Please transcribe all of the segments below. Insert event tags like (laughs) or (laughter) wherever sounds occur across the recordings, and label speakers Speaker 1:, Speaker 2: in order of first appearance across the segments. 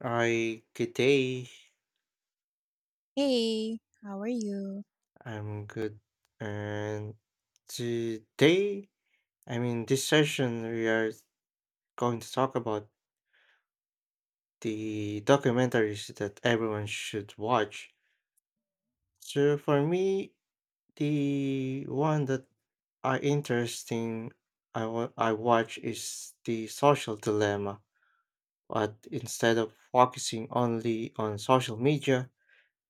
Speaker 1: Hi, good day.
Speaker 2: Hey, how are you?
Speaker 1: I'm good. And today, this session, we are going to talk about the documentaries that everyone should watch. So for me, the one that are interesting I watch is the Social Dilemma, but instead of focusing only on social media,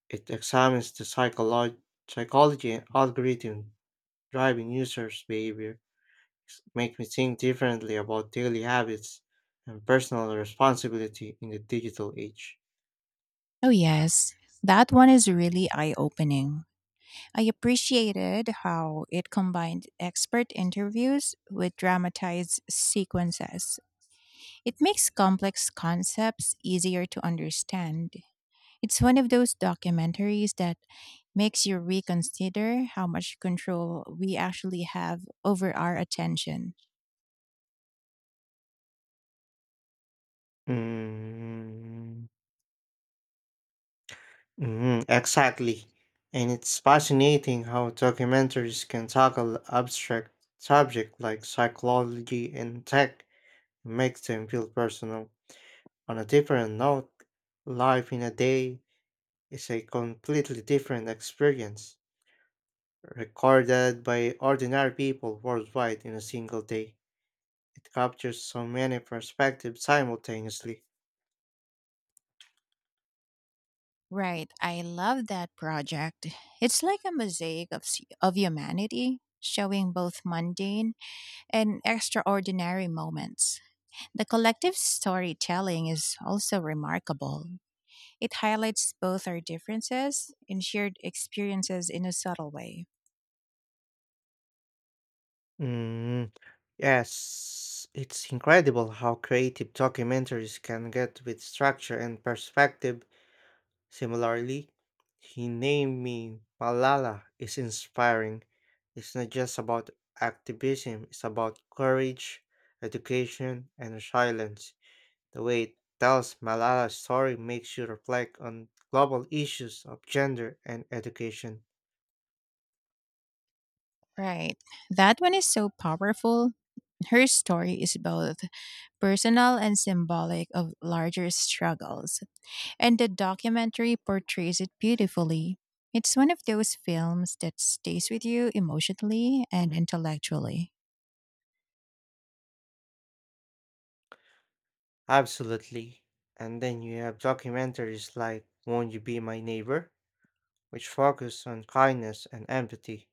Speaker 1: it examines the psychology and algorithm driving users' behavior make me think differently about daily habits and personal responsibility in the digital age.
Speaker 2: Oh, yes. That one is really eye opening. I appreciated how it combined expert interviews with dramatized sequences. It makes complex concepts easier to understand. It's one of those documentaries that makes you reconsider how much control we actually have over our attention.
Speaker 1: Mm, mhm, exactly. And it's fascinating how documentaries can tackle abstract subjects like psychology and tech and make them feel personal. On a different note, Life in a Day is a completely different experience, recorded by ordinary people worldwide in a single day. It captures so many perspectives simultaneously.
Speaker 2: Right, I love that project. It's like a mosaic of, of humanity, showing both mundane and extraordinary moments. The collective storytelling is also remarkable. It highlights both our differences and shared experiences in a subtle way.
Speaker 1: Mm, yes, it's incredible how creative documentaries can get with structure and perspective. Similarly, He Named Me Malala is inspiring. It's not just about activism, it's about courage, education, and silence. The way it tells Malala's story makes you reflect on global issues of gender and education.
Speaker 2: Right, that one is so powerful. Her story is both personal and symbolic of larger struggles, and the documentary portrays it beautifully. It's one of those films that stays with you emotionally and intellectually.
Speaker 1: Absolutely. And then you have documentaries like Won't You Be My Neighbor, which focus on kindness and empathy.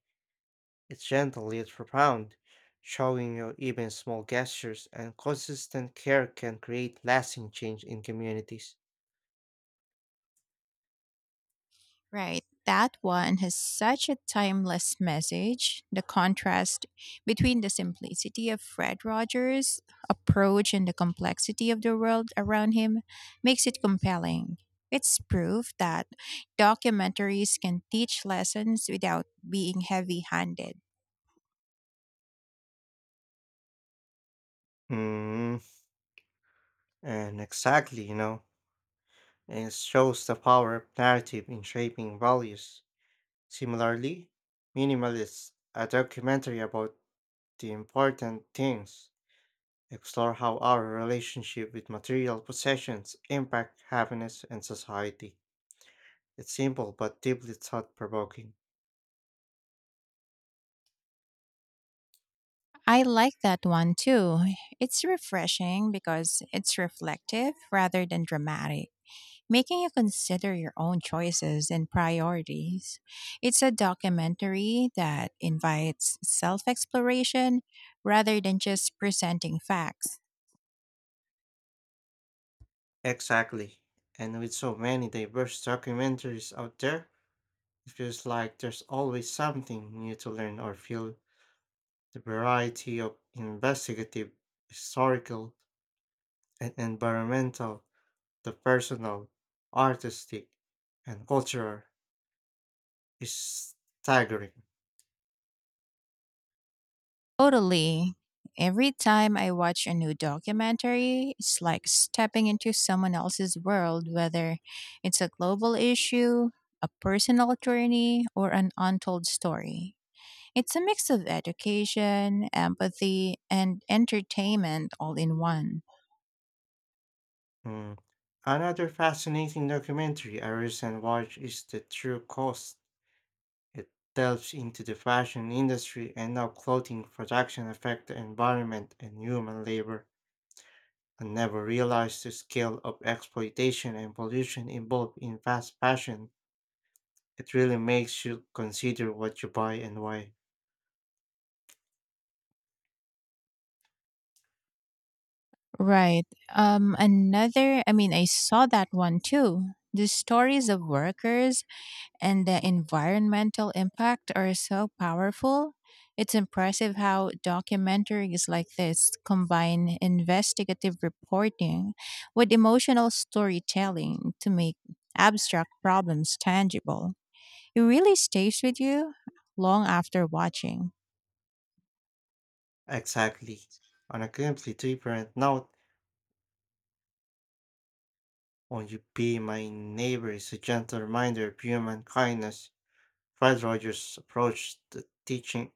Speaker 1: It's gentle yet profound, showing you even small gestures and consistent care can create lasting change in communities.
Speaker 2: Right. That one has such a timeless message. The contrast between the simplicity of Fred Rogers' approach and the complexity of the world around him makes it compelling. It's proof that documentaries can teach lessons without being heavy handed.
Speaker 1: Mm, and exactly, and it shows the power of narrative in shaping values. Similarly, Minimalist, a documentary about the important things, explore how our relationship with material possessions impact happiness and society. It's simple but deeply thought-provoking.
Speaker 2: I like that one too. It's refreshing because it's reflective rather than dramatic, making you consider your own choices and priorities. It's a documentary that invites self exploration rather than just presenting facts.
Speaker 1: Exactly. And with so many diverse documentaries out there, it feels like there's always something new to learn or feel. The variety of investigative, historical, and environmental the personal, artistic, and cultural is staggering.
Speaker 2: Totally. Every time I watch a new documentary, it's like stepping into someone else's world, whether it's a global issue, a personal journey, or an untold story. It's a mix of education, empathy, and entertainment all in one.
Speaker 1: Mm. Another fascinating documentary I recently watched is The True Cost. It delves into the fashion industry and how clothing production affects the environment and human labor. I never realized the scale of exploitation and pollution involved in fast fashion. It really makes you consider what you buy and why.
Speaker 2: Right. Another I saw that one too. The stories of workers and the environmental impact are so powerful. It's impressive how documentaries like this combine investigative reporting with emotional storytelling to make abstract problems tangible. It really stays with you long after watching.
Speaker 1: Exactly. On a completely different note, Won't You Be My Neighbor is a gentle reminder of human kindness. Fred Rogers' approach to teaching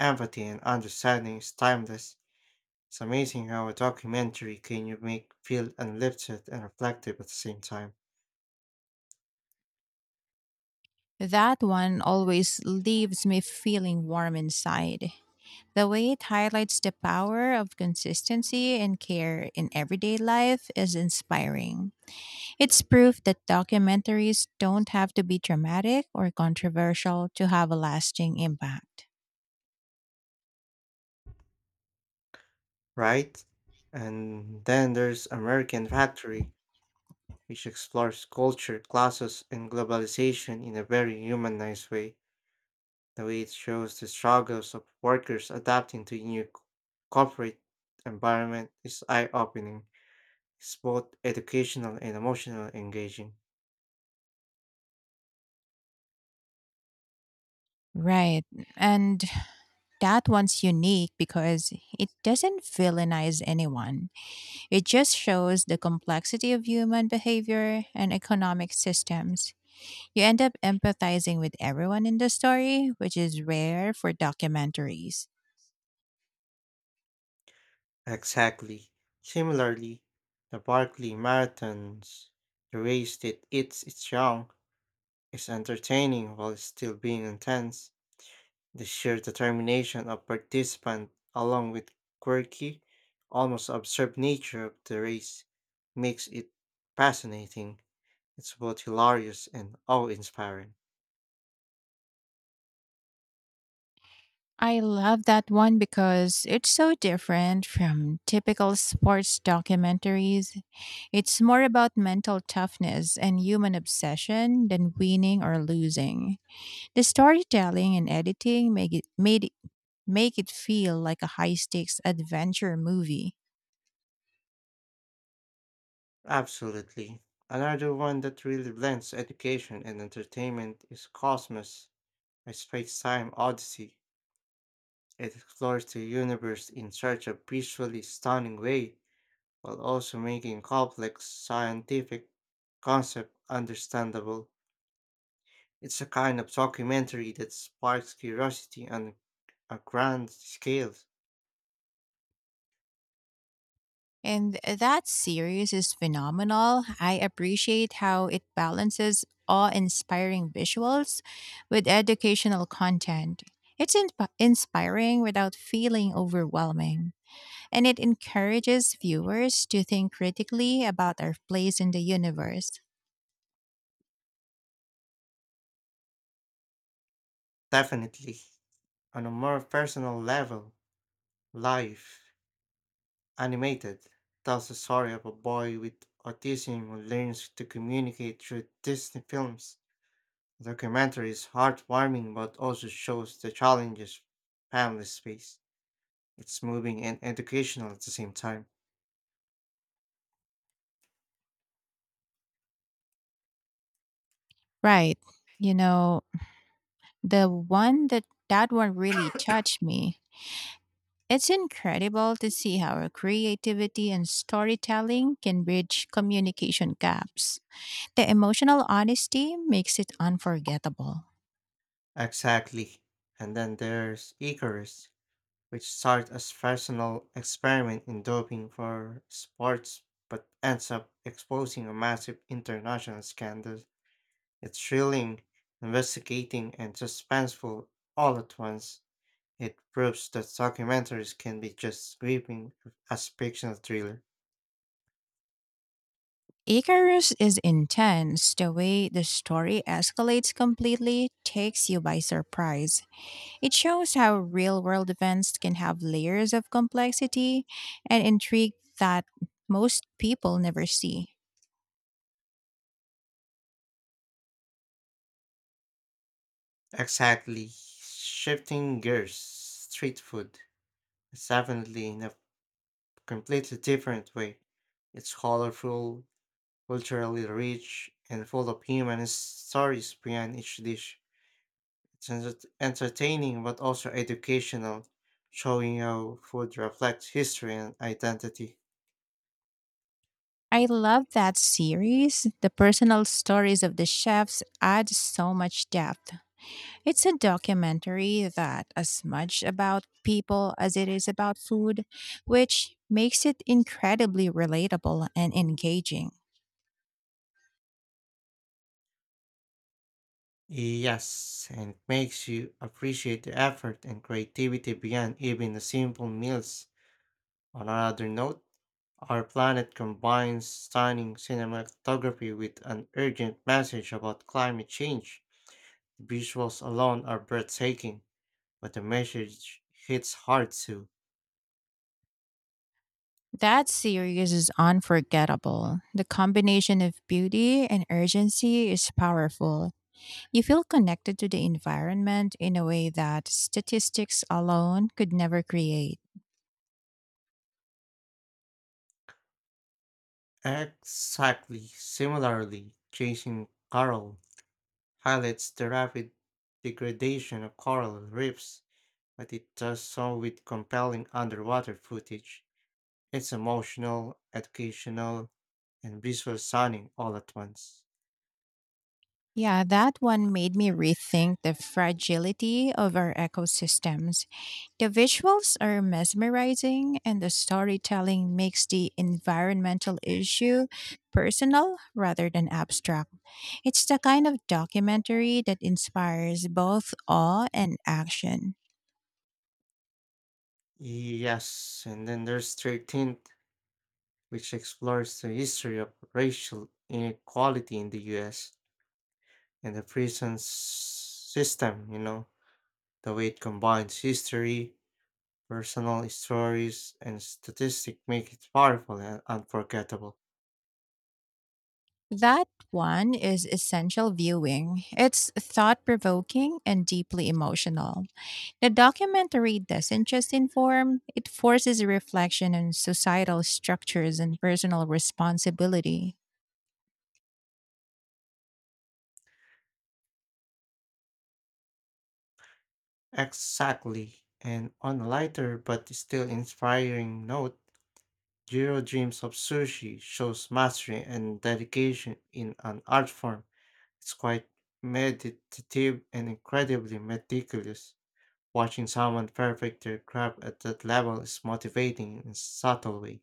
Speaker 1: empathy and understanding is timeless. It's amazing how a documentary can you make feel uplifted and reflective at the same time,
Speaker 2: That one always leaves me feeling warm inside. The way it highlights the power of consistency and care in everyday life is inspiring. It's proof that documentaries don't have to be dramatic or controversial to have a lasting impact.
Speaker 1: right? And then there's American Factory, which explores culture, classes, and globalization in a very humanized way. The way it shows the struggles of workers adapting to new corporate environment is eye-opening. It's both educational and emotional engaging.
Speaker 2: Right. And that one's unique because it doesn't villainize anyone. It just shows the complexity of human behavior and economic systems. You end up empathizing with everyone in the story, which is rare for documentaries.
Speaker 1: Exactly. Similarly, the Barkley Marathons, the race that eats its young, is entertaining while still being intense. The sheer determination of participants, along with quirky, almost absurd nature of the race, makes it fascinating. It's both hilarious and awe-inspiring.
Speaker 2: I love that one because it's so different from typical sports documentaries. It's more about mental toughness and human obsession than winning or losing. The storytelling and editing make it feel like a high stakes adventure movie.
Speaker 1: Absolutely. Another one that really blends education and entertainment is Cosmos, a Space-Time Odyssey. It explores the universe in such a visually stunning way, while also making complex scientific concepts understandable. It's a kind of documentary that sparks curiosity on a grand scale.
Speaker 2: And that series is phenomenal. I appreciate how it balances awe inspiring visuals with educational content. It's inspiring without feeling overwhelming, and it encourages viewers to think critically about our place in the universe.
Speaker 1: Definitely. On a more personal level, Life, Animated tells the story of a boy with autism who learns to communicate through Disney films. The documentary is heartwarming but also shows the challenges families face. It's moving and educational at the same time.
Speaker 2: Right. You know, the one that that one really touched me. It's incredible to see how our creativity and storytelling can bridge communication gaps. The emotional honesty makes it unforgettable.
Speaker 1: Exactly. And then there's Icarus, which starts as personal experiment in doping for sports but ends up exposing a massive international scandal. It's thrilling, investigating, and suspenseful all at once. It proves that documentaries can be just as gripping as fictional thriller.
Speaker 2: Icarus is intense. The way the story escalates completely takes you by surprise. It shows how real world events can have layers of complexity and intrigue that most people never see.
Speaker 1: Exactly. Shifting gears, Street Food is definitely in a completely different way. It's colorful, culturally rich, and full of human stories behind each dish. It's entertaining but also educational, showing how food reflects history and identity.
Speaker 2: I love that series. The personal stories of the chefs add so much depth. It's a documentary that as much about people as it is about food, which makes it incredibly relatable and engaging.
Speaker 1: Yes, and makes you appreciate the effort and creativity beyond even the simple meals. On another note, Our Planet combines stunning cinematography with an urgent message about climate change. The visuals alone are breathtaking, but the message hits hard too.
Speaker 2: That series is unforgettable. The combination of beauty and urgency is powerful. You feel connected to the environment in a way that statistics alone could never create.
Speaker 1: Exactly similarly, Chasing Coral highlights the rapid degradation of coral reefs but it does so with compelling underwater footage. It's emotional, educational, and visual stunning all at once.
Speaker 2: Yeah, that one made me rethink the fragility of our ecosystems. The visuals are mesmerizing, and the storytelling makes the environmental issue personal rather than abstract. It's the kind of documentary that inspires both awe and action.
Speaker 1: Yes, and then there's 13th, which explores the history of racial inequality in the US and the prison system. The way it combines history, personal stories, and statistics make it powerful and unforgettable.
Speaker 2: That one is essential viewing. It's thought provoking and deeply emotional. The documentary doesn't just inform, it forces reflection on societal structures and personal responsibility.
Speaker 1: Exactly. And on a lighter but still inspiring note, Jiro Dreams of Sushi shows mastery and dedication in an art form. It's quite meditative and incredibly meticulous. Watching someone perfect their craft at that level is motivating in a subtle way.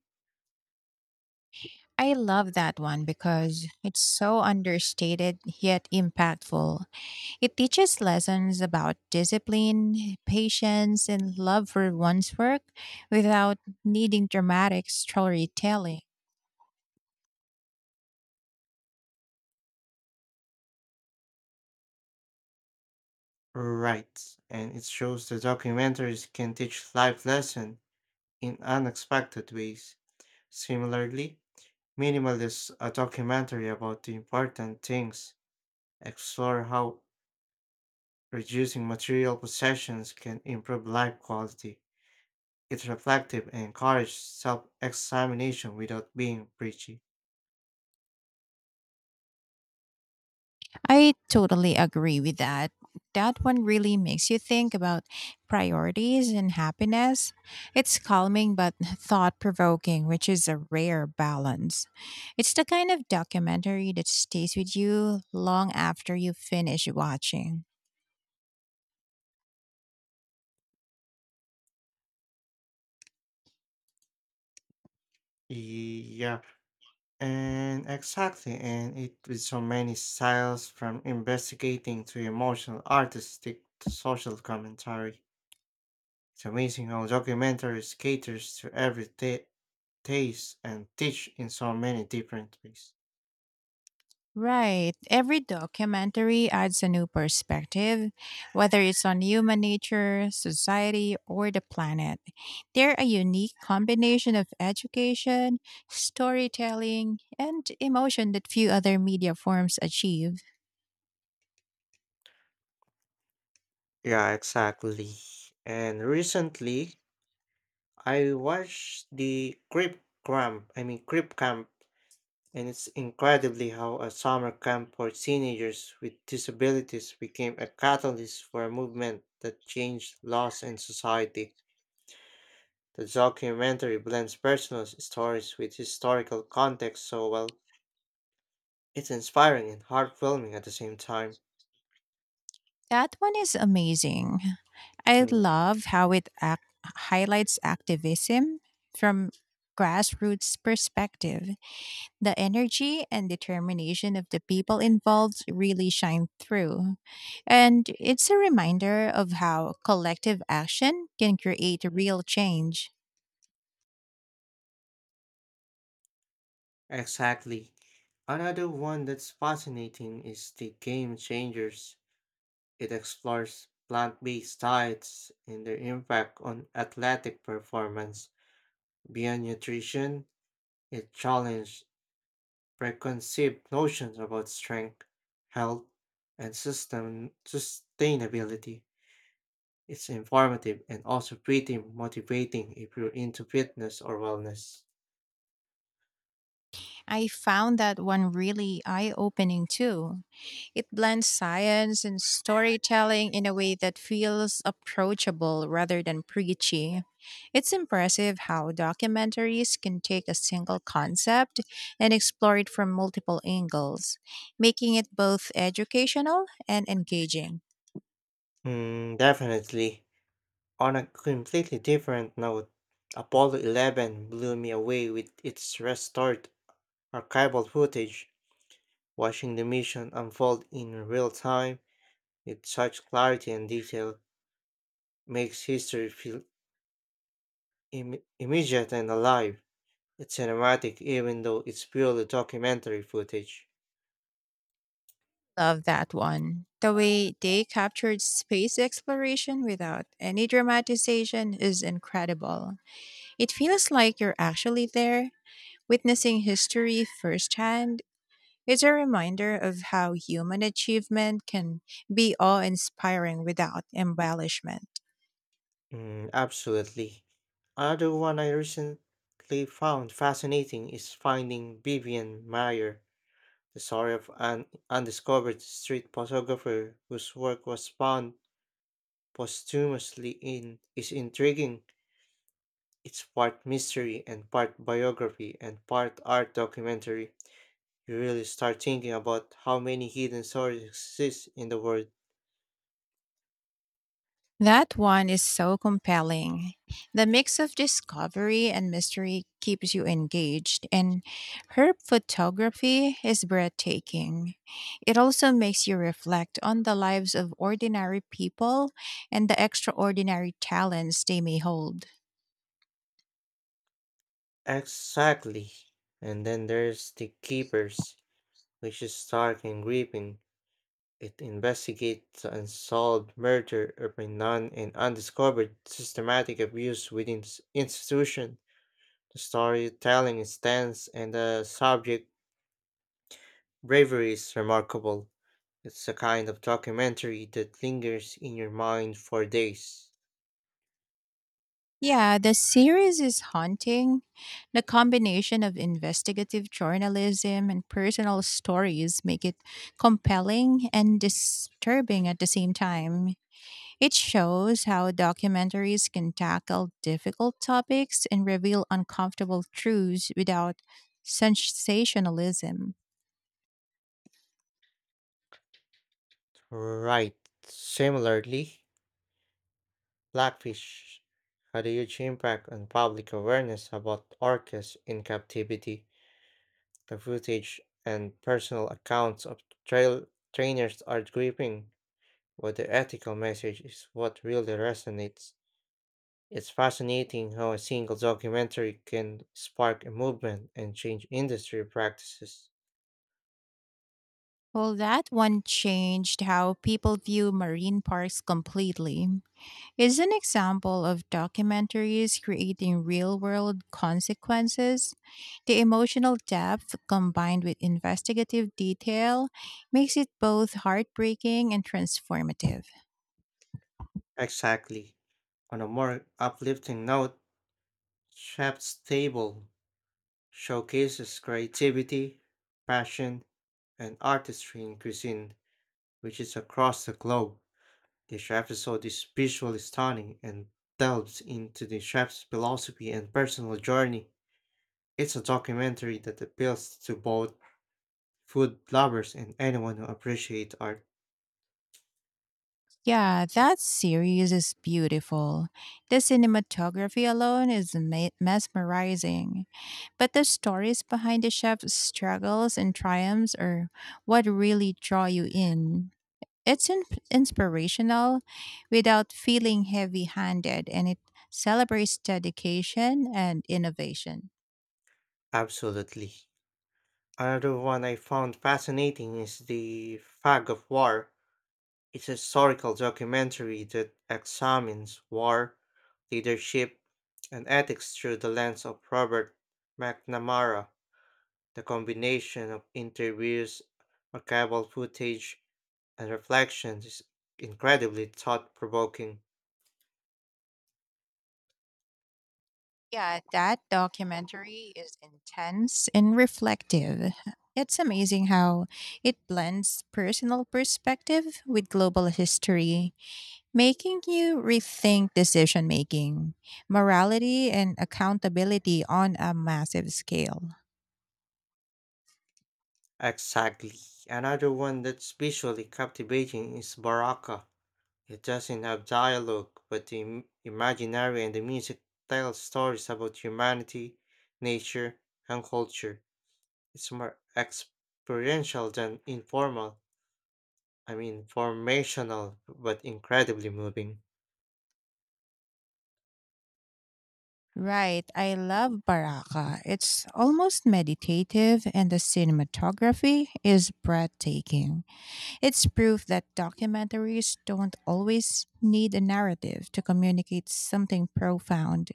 Speaker 2: I love that one because it's so understated yet impactful. It teaches lessons about discipline, patience, and love for one's work without needing dramatic storytelling.
Speaker 1: Right. And it shows the documentaries can teach life lessons in unexpected ways. Similarly, Minimal is a documentary about the important things, explore how reducing material possessions can improve life quality. It's reflective and encourages self examination without being preachy.
Speaker 2: I totally agree with that. That one really makes you think about priorities and happiness. It's calming but (laughs) thought provoking, which is a rare balance. It's the kind of documentary that stays with you long after you finish watching.
Speaker 1: Yeah, and exactly, and it with so many styles from investigating to emotional artistic to social commentary. It's amazing how documentaries caters to every taste and teach in so many different ways.
Speaker 2: Right. Every documentary adds a new perspective, whether it's on human nature, society, or the planet. They're a unique combination of education, storytelling, and emotion that few other media forms achieve.
Speaker 1: Yeah, exactly. And recently, I watched the Crip Camp. I mean Crip Camp, and it's incredibly how a summer camp for teenagers with disabilities became a catalyst for a movement that changed laws and society. The documentary blends personal stories with historical context so well. It's inspiring and heartwarming at the same time.
Speaker 2: That one is amazing. I
Speaker 1: Mm,
Speaker 2: love how highlights activism from grassroots perspective. The energy and determination of the people involved really shine through. And it's a reminder of how collective action can create real change.
Speaker 1: Exactly. Another one that's fascinating is the Game Changers. It explores plant based diets and their impact on athletic performance. Beyond nutrition, it challenges preconceived notions about strength, health, and system sustainability. It's informative and also pretty motivating if you're into fitness or wellness.
Speaker 2: I found that one really eye opening too. It blends science and storytelling in a way that feels approachable rather than preachy. It's impressive how documentaries can take a single concept and explore it from multiple angles, making it both educational and engaging.
Speaker 1: Definitely. On a completely different note, Apollo 11 blew me away with its restored archival footage. Watching the mission unfold in real time with such clarity and detail makes history feel immediate and alive. It's cinematic even though it's purely documentary footage.
Speaker 2: Love that one. The way they captured space exploration without any dramatization is incredible. It feels like you're actually there, witnessing history firsthand. It's a reminder of how human achievement can be awe inspiring without embellishment.
Speaker 1: Absolutely. Another one I recently found fascinating is Finding Vivian Mayer, the story of an undiscovered street photographer whose work was found posthumously in is intriguing. It's part mystery and part biography and part art documentary. You really start thinking about how many hidden stories exist in the world.
Speaker 2: That one is so compelling. The mix of discovery and mystery keeps you engaged, and her photography is breathtaking. It also makes you reflect on the lives of ordinary people and the extraordinary talents they may hold.
Speaker 1: Exactly. And then there's The Keepers, which is dark and gripping. It investigates the unsolved murder of a nun and undiscovered systematic abuse within the institution. The storytelling is tense and the subject bravery is remarkable. It's a kind of documentary that lingers in your mind for days.
Speaker 2: Yeah, the series is haunting. The combination of investigative journalism and personal stories make it compelling and disturbing at the same time. It shows how documentaries can tackle difficult topics and reveal uncomfortable truths without sensationalism.
Speaker 1: Right. Similarly, Blackfish had a huge impact on public awareness about orcas in captivity. The footage and personal accounts of trail trainers are gripping, but the ethical message is what really resonates. It's fascinating how a single documentary can spark a movement and change industry practices.
Speaker 2: Well, that one changed how people view marine parks completely. Is an example of documentaries creating real world consequences. The emotional depth combined with investigative detail makes it both heartbreaking and transformative.
Speaker 1: Exactly. On a more uplifting note, Chef's Table showcases creativity, passion, and artistry in cuisine, which is across the globe. Each episode is visually stunning and delves into the chef's philosophy and personal journey. It's a documentary that appeals to both food lovers and anyone who appreciates art.
Speaker 2: Yeah, that series is beautiful. The cinematography alone is mesmerizing. But the stories behind the chef's struggles and triumphs are what really draw you in. It's inspirational without feeling heavy handed, and it celebrates dedication and innovation.
Speaker 1: Absolutely. Another one I found fascinating is The Fog of War. It's a historical documentary that examines war, leadership, and ethics through the lens of Robert McNamara. The combination of interviews, archival footage, and reflections is incredibly thought provoking.
Speaker 2: Yeah, that documentary is intense and reflective. It's amazing how it blends personal perspective with global history, making you rethink decision making, morality, and accountability on a massive scale.
Speaker 1: Exactly. Another one that's visually captivating is Baraka. It doesn't have dialogue, but the imaginary and the music tell stories about humanity, nature, and culture. It's more experiential than formational, but incredibly moving.
Speaker 2: Right, I love Baraka. It's almost meditative, and the cinematography is breathtaking. It's proof that documentaries don't always need a narrative to communicate something profound.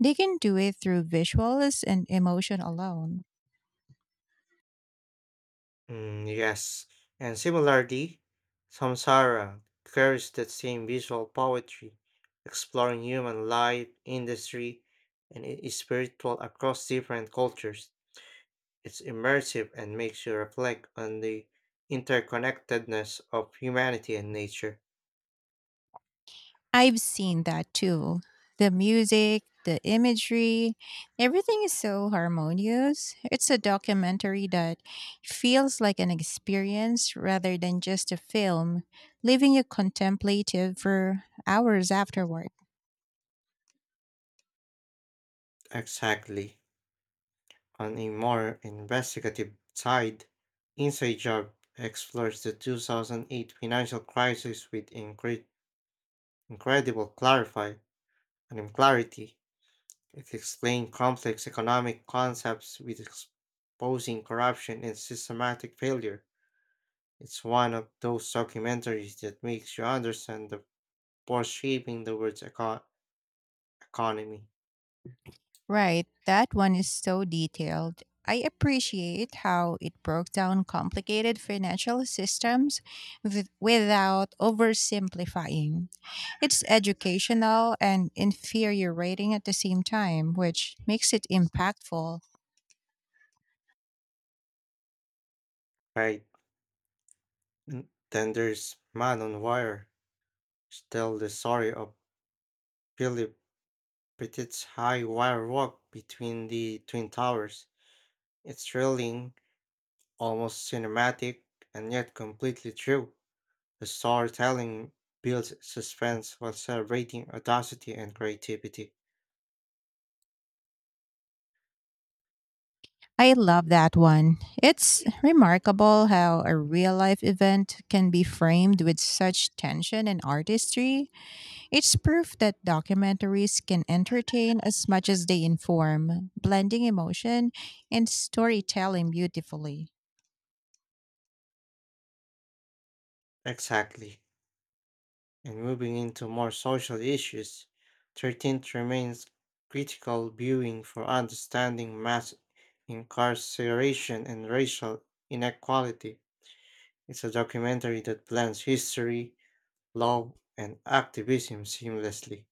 Speaker 2: They can do it through visuals and emotion alone.
Speaker 1: Yes. And similarly, Samsara carries that same visual poetry, exploring human life, industry, and it is spiritual across different cultures. It's immersive and makes you reflect on the interconnectedness of humanity and nature.
Speaker 2: I've seen that too. The music, the imagery, everything is so harmonious. It's a documentary that feels like an experience rather than just a film, leaving you contemplative for hours afterward.
Speaker 1: Exactly. On a more investigative side, Inside Job explores the 2008 financial crisis with incredible clarity. It explains complex economic concepts with exposing corruption and systematic failure. It's one of those documentaries that makes you understand the force shaping the world's economy.
Speaker 2: Right, that one is so detailed. I appreciate how it broke down complicated financial systems without oversimplifying. It's educational and infuriating at the same time, which makes it impactful.
Speaker 1: Right. And then there's Man on Wire, tell the story of Philip with its high wire walk between the twin towers. It's thrilling, almost cinematic, and yet completely true. The storytelling builds suspense while celebrating audacity and creativity.
Speaker 2: I love that one. It's remarkable how a real life event can be framed with such tension and artistry. It's proof that documentaries can entertain as much as they inform, blending emotion and storytelling beautifully.
Speaker 1: Exactly. And moving into more social issues, 13th remains critical viewing for understanding mass incarceration and racial inequality. It's a documentary that blends history, law, and activism seamlessly.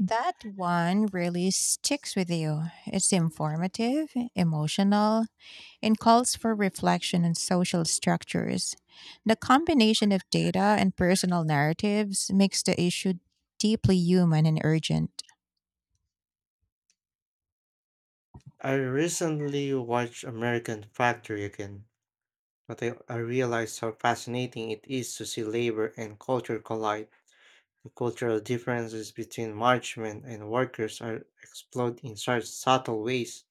Speaker 2: That one really sticks with you. It's informative, emotional, and calls for reflection on social structures. The combination of data and personal narratives makes the issue deeply human and urgent.
Speaker 1: I recently watched American Factory again, but I realized how fascinating it is to see labor and culture collide. The cultural differences between marchmen and workers are explored in such subtle ways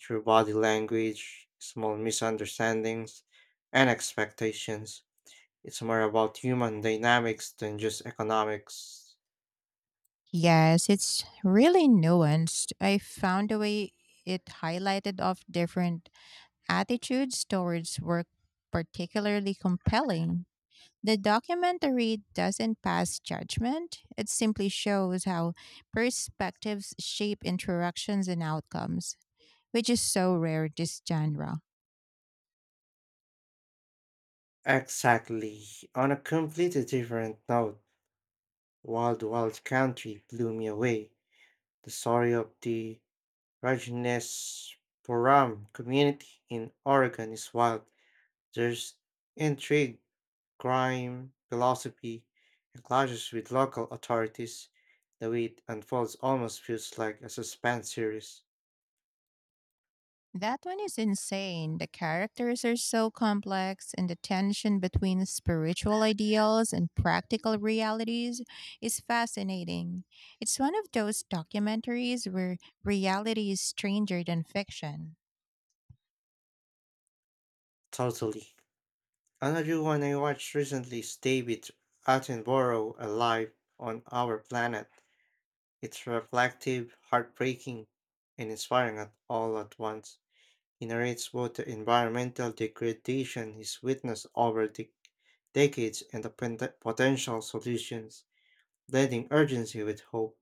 Speaker 1: through body language, small misunderstandings, and expectations. It's more about human dynamics than just economics.
Speaker 2: Yes, it's really nuanced. I found the way it highlighted of different attitudes towards work particularly compelling. The documentary doesn't pass judgment, it simply shows how perspectives shape interactions and outcomes, which is so rare this genre.
Speaker 1: Exactly. On a completely different note, Wild Wild Country blew me away. The story of the Rajneshpuram community in Oregon is wild. There's intrigue, crime, philosophy, and clashes with local authorities. The way it unfolds almost feels like a suspense series.
Speaker 2: That one is insane. The characters are so complex, and the tension between spiritual ideals and practical realities is fascinating. It's one of those documentaries where reality is stranger than fiction.
Speaker 1: Totally. Another one I watched recently is David Attenborough Alive on Our Planet. It's reflective, heartbreaking, and inspiring at all at once. He narrates both the environmental degradation he's witnessed over the decades and the potential solutions, blending urgency with hope.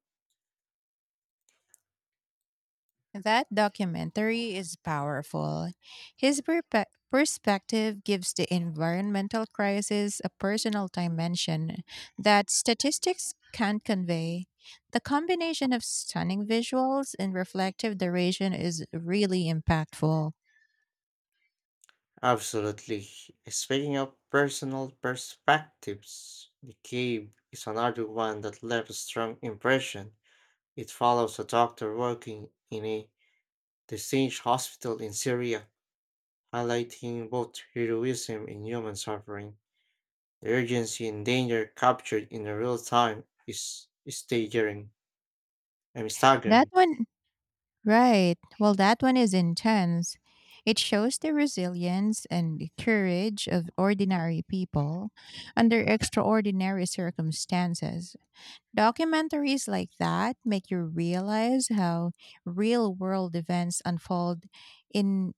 Speaker 2: That documentary is powerful. His perspective gives the environmental crisis a personal dimension that statistics can't convey. The combination of stunning visuals and reflective duration is really impactful.
Speaker 1: Absolutely. Speaking of personal perspectives, The Cave is another one that left a strong impression. It follows a doctor working in a besieged hospital in Syria, highlighting both heroism and human suffering. The urgency and danger captured in a real time is staggering. I'm
Speaker 2: That
Speaker 1: staggering.
Speaker 2: one, right. Well, that one is intense. It shows the resilience and courage of ordinary people under extraordinary circumstances. Documentaries like that make you realize how real world events unfold in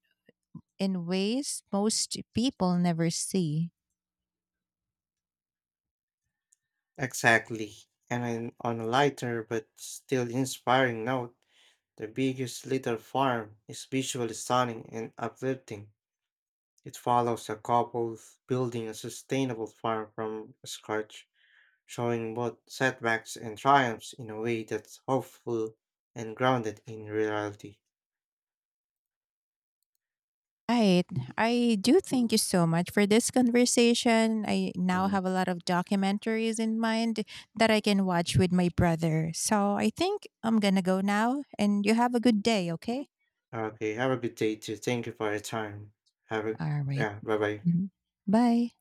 Speaker 2: in ways most people never see.
Speaker 1: Exactly. And then on a lighter but still inspiring note, the biggest little farm is visually stunning and uplifting. It follows a couple building a sustainable farm from scratch, showing both setbacks and triumphs in a way that's hopeful and grounded in reality.
Speaker 2: Right. I do thank you so much for this conversation. I now have a lot of documentaries in mind that I can watch with my brother. So I think I'm going to go now and you have a good day, okay?
Speaker 1: Okay, have a good day too. Thank you for your time. Have a
Speaker 2: All right.
Speaker 1: yeah, bye.
Speaker 2: Mhm. Bye.